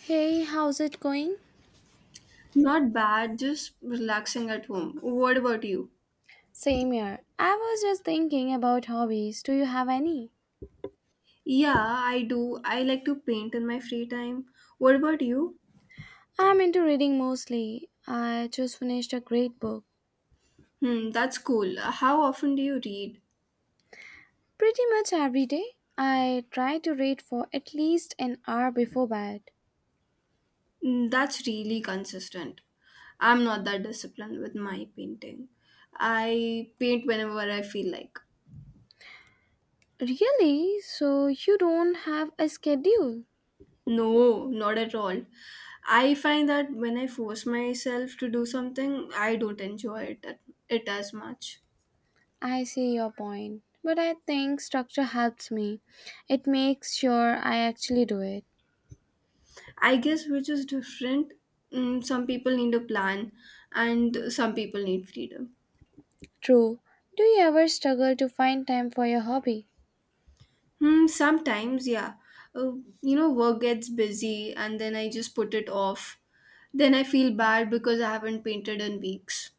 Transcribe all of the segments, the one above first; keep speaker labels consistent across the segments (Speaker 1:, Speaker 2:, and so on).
Speaker 1: Hey, how's it going?
Speaker 2: Not bad, just relaxing at home. What about you?
Speaker 1: Same here. I was just thinking about hobbies. Do you have any?
Speaker 2: Yeah, I do. I like to paint in my free time. What about you?
Speaker 1: I'm into reading mostly. I just finished a great book.
Speaker 2: Hmm, that's cool. How often do you read?
Speaker 1: Pretty much every day. I try to read for at least an hour before bed.
Speaker 2: Hmm, that's really consistent. I'm not that disciplined with my painting. I paint whenever I feel like.
Speaker 1: Really? So you don't have a schedule?
Speaker 2: No, not at all. I find that when I force myself to do something, I don't enjoy it as much.
Speaker 1: I see your point. But I think structure helps me. It makes sure I actually do it.
Speaker 2: I guess we're just different. Mm, some people need a plan, and some people need freedom.
Speaker 1: True. Do you ever struggle to find time for your hobby?
Speaker 2: Hmm, sometimes, yeah. Uh, Work gets busy, and then I just put it off. Then I feel bad because I haven't painted in weeks.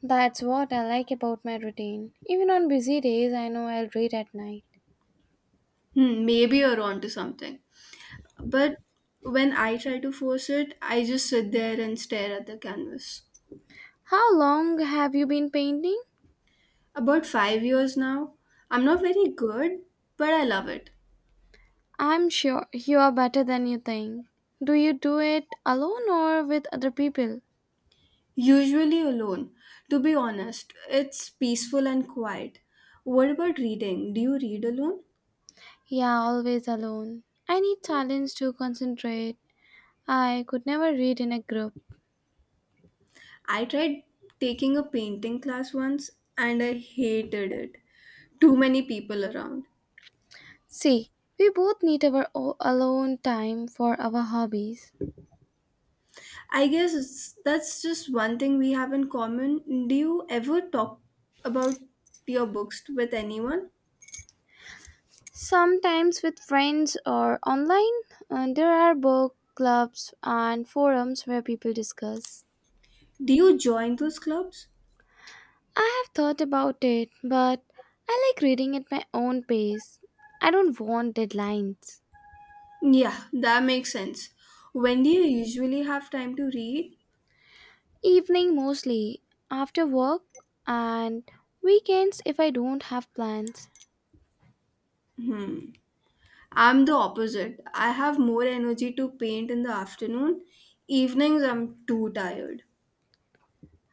Speaker 1: That's what I like about my routine. Even on busy days, I know I'll read at night.
Speaker 2: Hmm, maybe you're onto something. But when I try to force it, I just sit there and stare at the canvas.
Speaker 1: How long have you been painting?
Speaker 2: About 5 years now, I'm not very good, but I love it.
Speaker 1: I'm sure you are better than you think. Do you do it alone or with other people?
Speaker 2: Usually alone. To be honest, it's peaceful and quiet. What about reading? Do you read alone?
Speaker 1: Yeah, always alone. I need silence to concentrate. I could never read in a group.
Speaker 2: I tried taking a painting class once and I hated it. Too many people around.
Speaker 1: See, we both need our alone time for our hobbies.
Speaker 2: I guess that's just one thing we have in common. Do you ever talk about your books with anyone?
Speaker 1: Sometimes with friends or online. There are book clubs and forums where people discuss.
Speaker 2: Do you join those clubs?
Speaker 1: I have thought about it, but I like reading at my own pace. I don't want deadlines.
Speaker 2: Yeah, that makes sense. When do you usually have time to read?
Speaker 1: Evening mostly, after work, and weekends if I don't have plans.
Speaker 2: Hmm. I'm the opposite. I have more energy to paint in the afternoon. Evenings I'm too tired.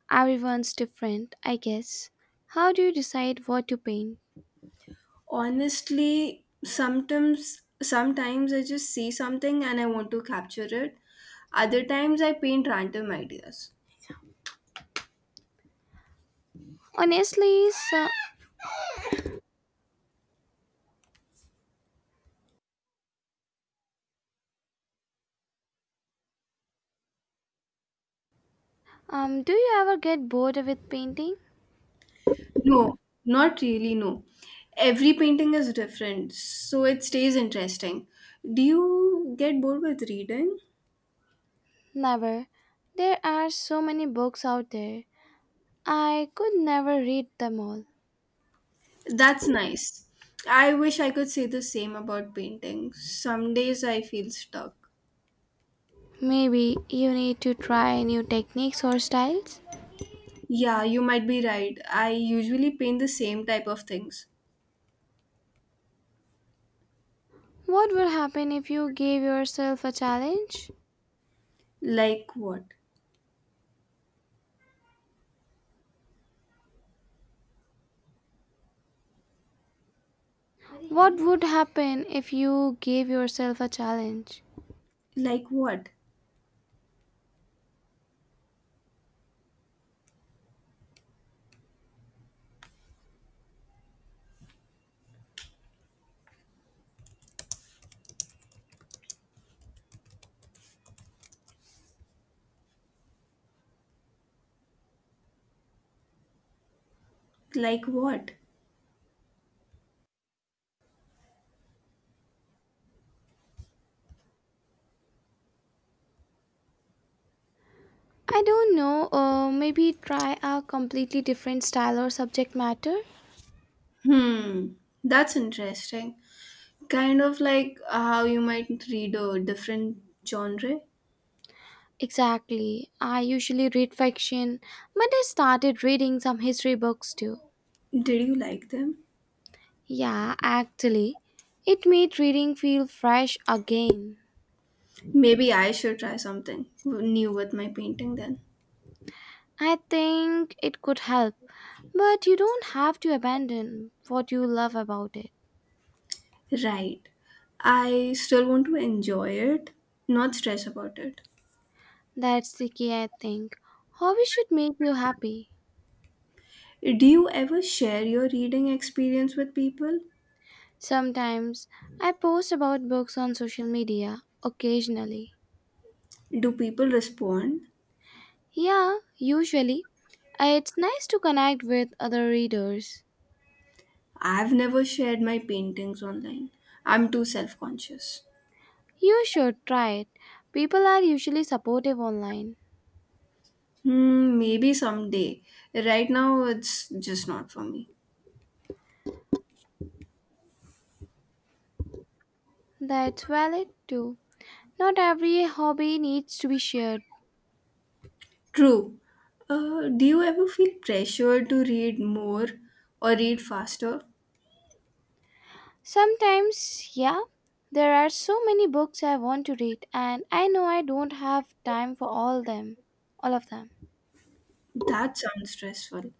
Speaker 1: Everyone's different, I guess. How do you decide what to paint?
Speaker 2: Honestly, sometimes I just see something and I want to capture it. Other times I paint random ideas.
Speaker 1: Honestly, so, do you ever get bored with painting?
Speaker 2: No, not really no. Every painting is different, so it stays interesting. Do you get bored with reading?
Speaker 1: Never. There are so many books out there. I could never read them all.
Speaker 2: That's nice. I wish I could say the same about painting. Some days I feel stuck.
Speaker 1: Maybe you need to try new techniques or styles.
Speaker 2: Yeah, you might be right. I usually paint the same type of things.
Speaker 1: What would happen if you gave yourself a challenge?
Speaker 2: Like what?
Speaker 1: What would happen if you gave yourself a challenge?
Speaker 2: Like what? Like what?
Speaker 1: I don't know, maybe try a completely different style or subject matter.
Speaker 2: Hmm, that's interesting. Kind of like how you might read a different genre.
Speaker 1: Exactly. I usually read fiction, but I started reading some history books too.
Speaker 2: Did you like them?
Speaker 1: Yeah, actually, it made reading feel fresh again.
Speaker 2: Maybe I should try something new with my painting then.
Speaker 1: I think it could help, but you don't have to abandon what you love about it.
Speaker 2: Right. I still want to enjoy it, not stress about it.
Speaker 1: That's the key, I think. Hobbies should make you happy.
Speaker 2: Do you ever share your reading experience with people?
Speaker 1: Sometimes I post about books on social media occasionally.
Speaker 2: Do people respond?
Speaker 1: Yeah, usually. It's nice to connect with other readers.
Speaker 2: I've never shared my paintings online. I'm too self conscious.
Speaker 1: You should try it. People are usually supportive online.
Speaker 2: Hmm, maybe someday. Right now, it's just not for me.
Speaker 1: That's valid too. Not every hobby needs to be shared.
Speaker 2: True. Do you ever feel pressure to read more or read faster?
Speaker 1: Sometimes, yeah, there are so many books I want to read and I know I don't have time for all of them.
Speaker 2: That sounds stressful.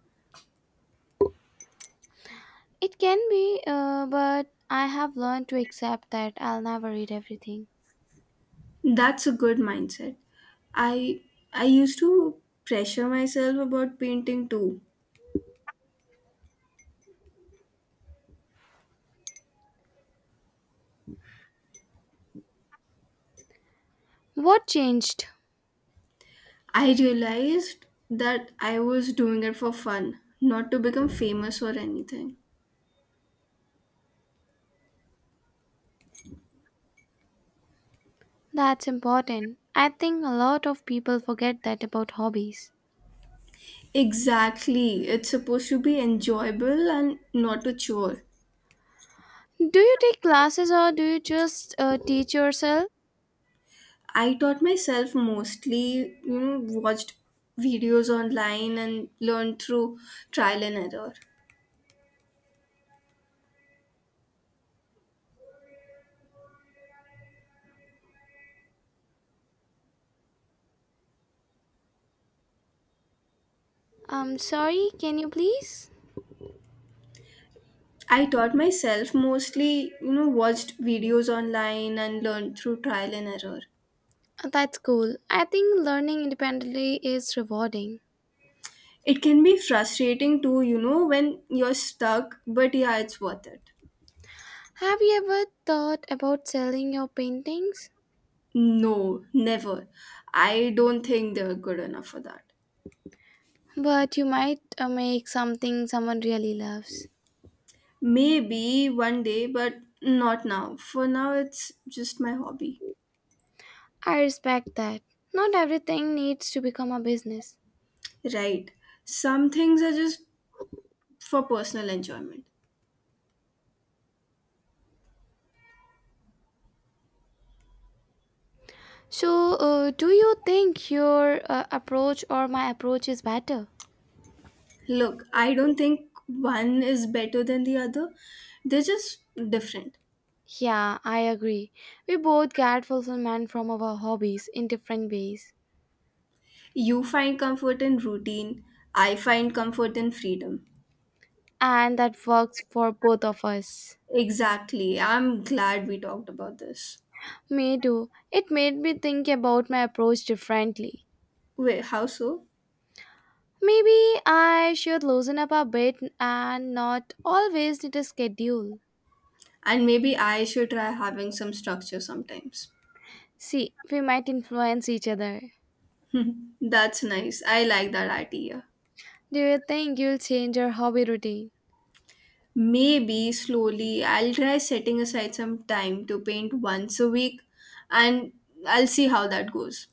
Speaker 1: It can be, but I have learned to accept that I'll never read everything.
Speaker 2: That's a good mindset. I I used to pressure myself about painting too.
Speaker 1: What changed?
Speaker 2: I realized that I was doing it for fun, not to become famous or anything.
Speaker 1: That's important. I think a lot of people forget that about hobbies.
Speaker 2: Exactly. It's supposed to be enjoyable and not a chore.
Speaker 1: Do you take classes or do you just teach yourself?
Speaker 2: I taught myself mostly, watched videos online and learned through trial and error.
Speaker 1: I'm sorry, can you please?
Speaker 2: I taught myself mostly, watched videos online and learned through trial and error.
Speaker 1: That's cool. I think learning independently is rewarding.
Speaker 2: It can be frustrating too, when you're stuck, but yeah, it's worth it.
Speaker 1: Have you ever thought about selling your paintings?
Speaker 2: No, never. I don't think they're good enough for that.
Speaker 1: But you might make something someone really loves.
Speaker 2: Maybe one day, but not now. For now, it's just my hobby.
Speaker 1: I respect that. Not everything needs to become a business.
Speaker 2: Right. Some things are just for personal enjoyment.
Speaker 1: So, do you think your approach or my approach is better?
Speaker 2: Look, I don't think one is better than the other, they're just different.
Speaker 1: Yeah, I agree. We both get fulfillment from our hobbies in different ways,
Speaker 2: You find comfort in routine, I find comfort in freedom.
Speaker 1: and that works for both of us.
Speaker 2: Exactly. I'm glad we talked about this.
Speaker 1: Me too. It made me think about my approach differently.
Speaker 2: Wait, how so?
Speaker 1: Maybe I should loosen up a bit and not always need a schedule.
Speaker 2: And maybe I should try having some structure sometimes.
Speaker 1: See, we might influence each other.
Speaker 2: That's nice. I like that idea.
Speaker 1: Do you think you'll change your hobby routine?
Speaker 2: Maybe slowly I'll try setting aside some time to paint once a week and I'll see how that goes.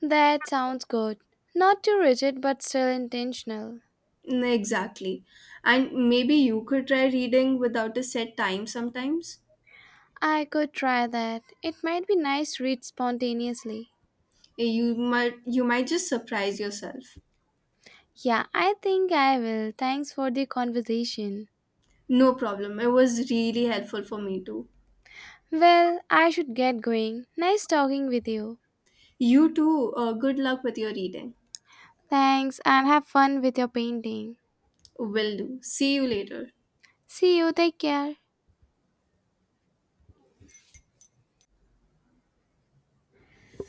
Speaker 1: That sounds good. Not too rigid but still intentional.
Speaker 2: Mm, exactly. And maybe you could try reading without a set time sometimes.
Speaker 1: I could try that. It might be nice to read spontaneously.
Speaker 2: Eh, you might just surprise yourself.
Speaker 1: Yeah, I think I will. Thanks for the conversation.
Speaker 2: No problem. It was really helpful for me too.
Speaker 1: Well, I should get going. Nice talking with you.
Speaker 2: You too. Good luck with your reading.
Speaker 1: Thanks and have fun with your painting.
Speaker 2: Will do. See you later.
Speaker 1: See you, take care.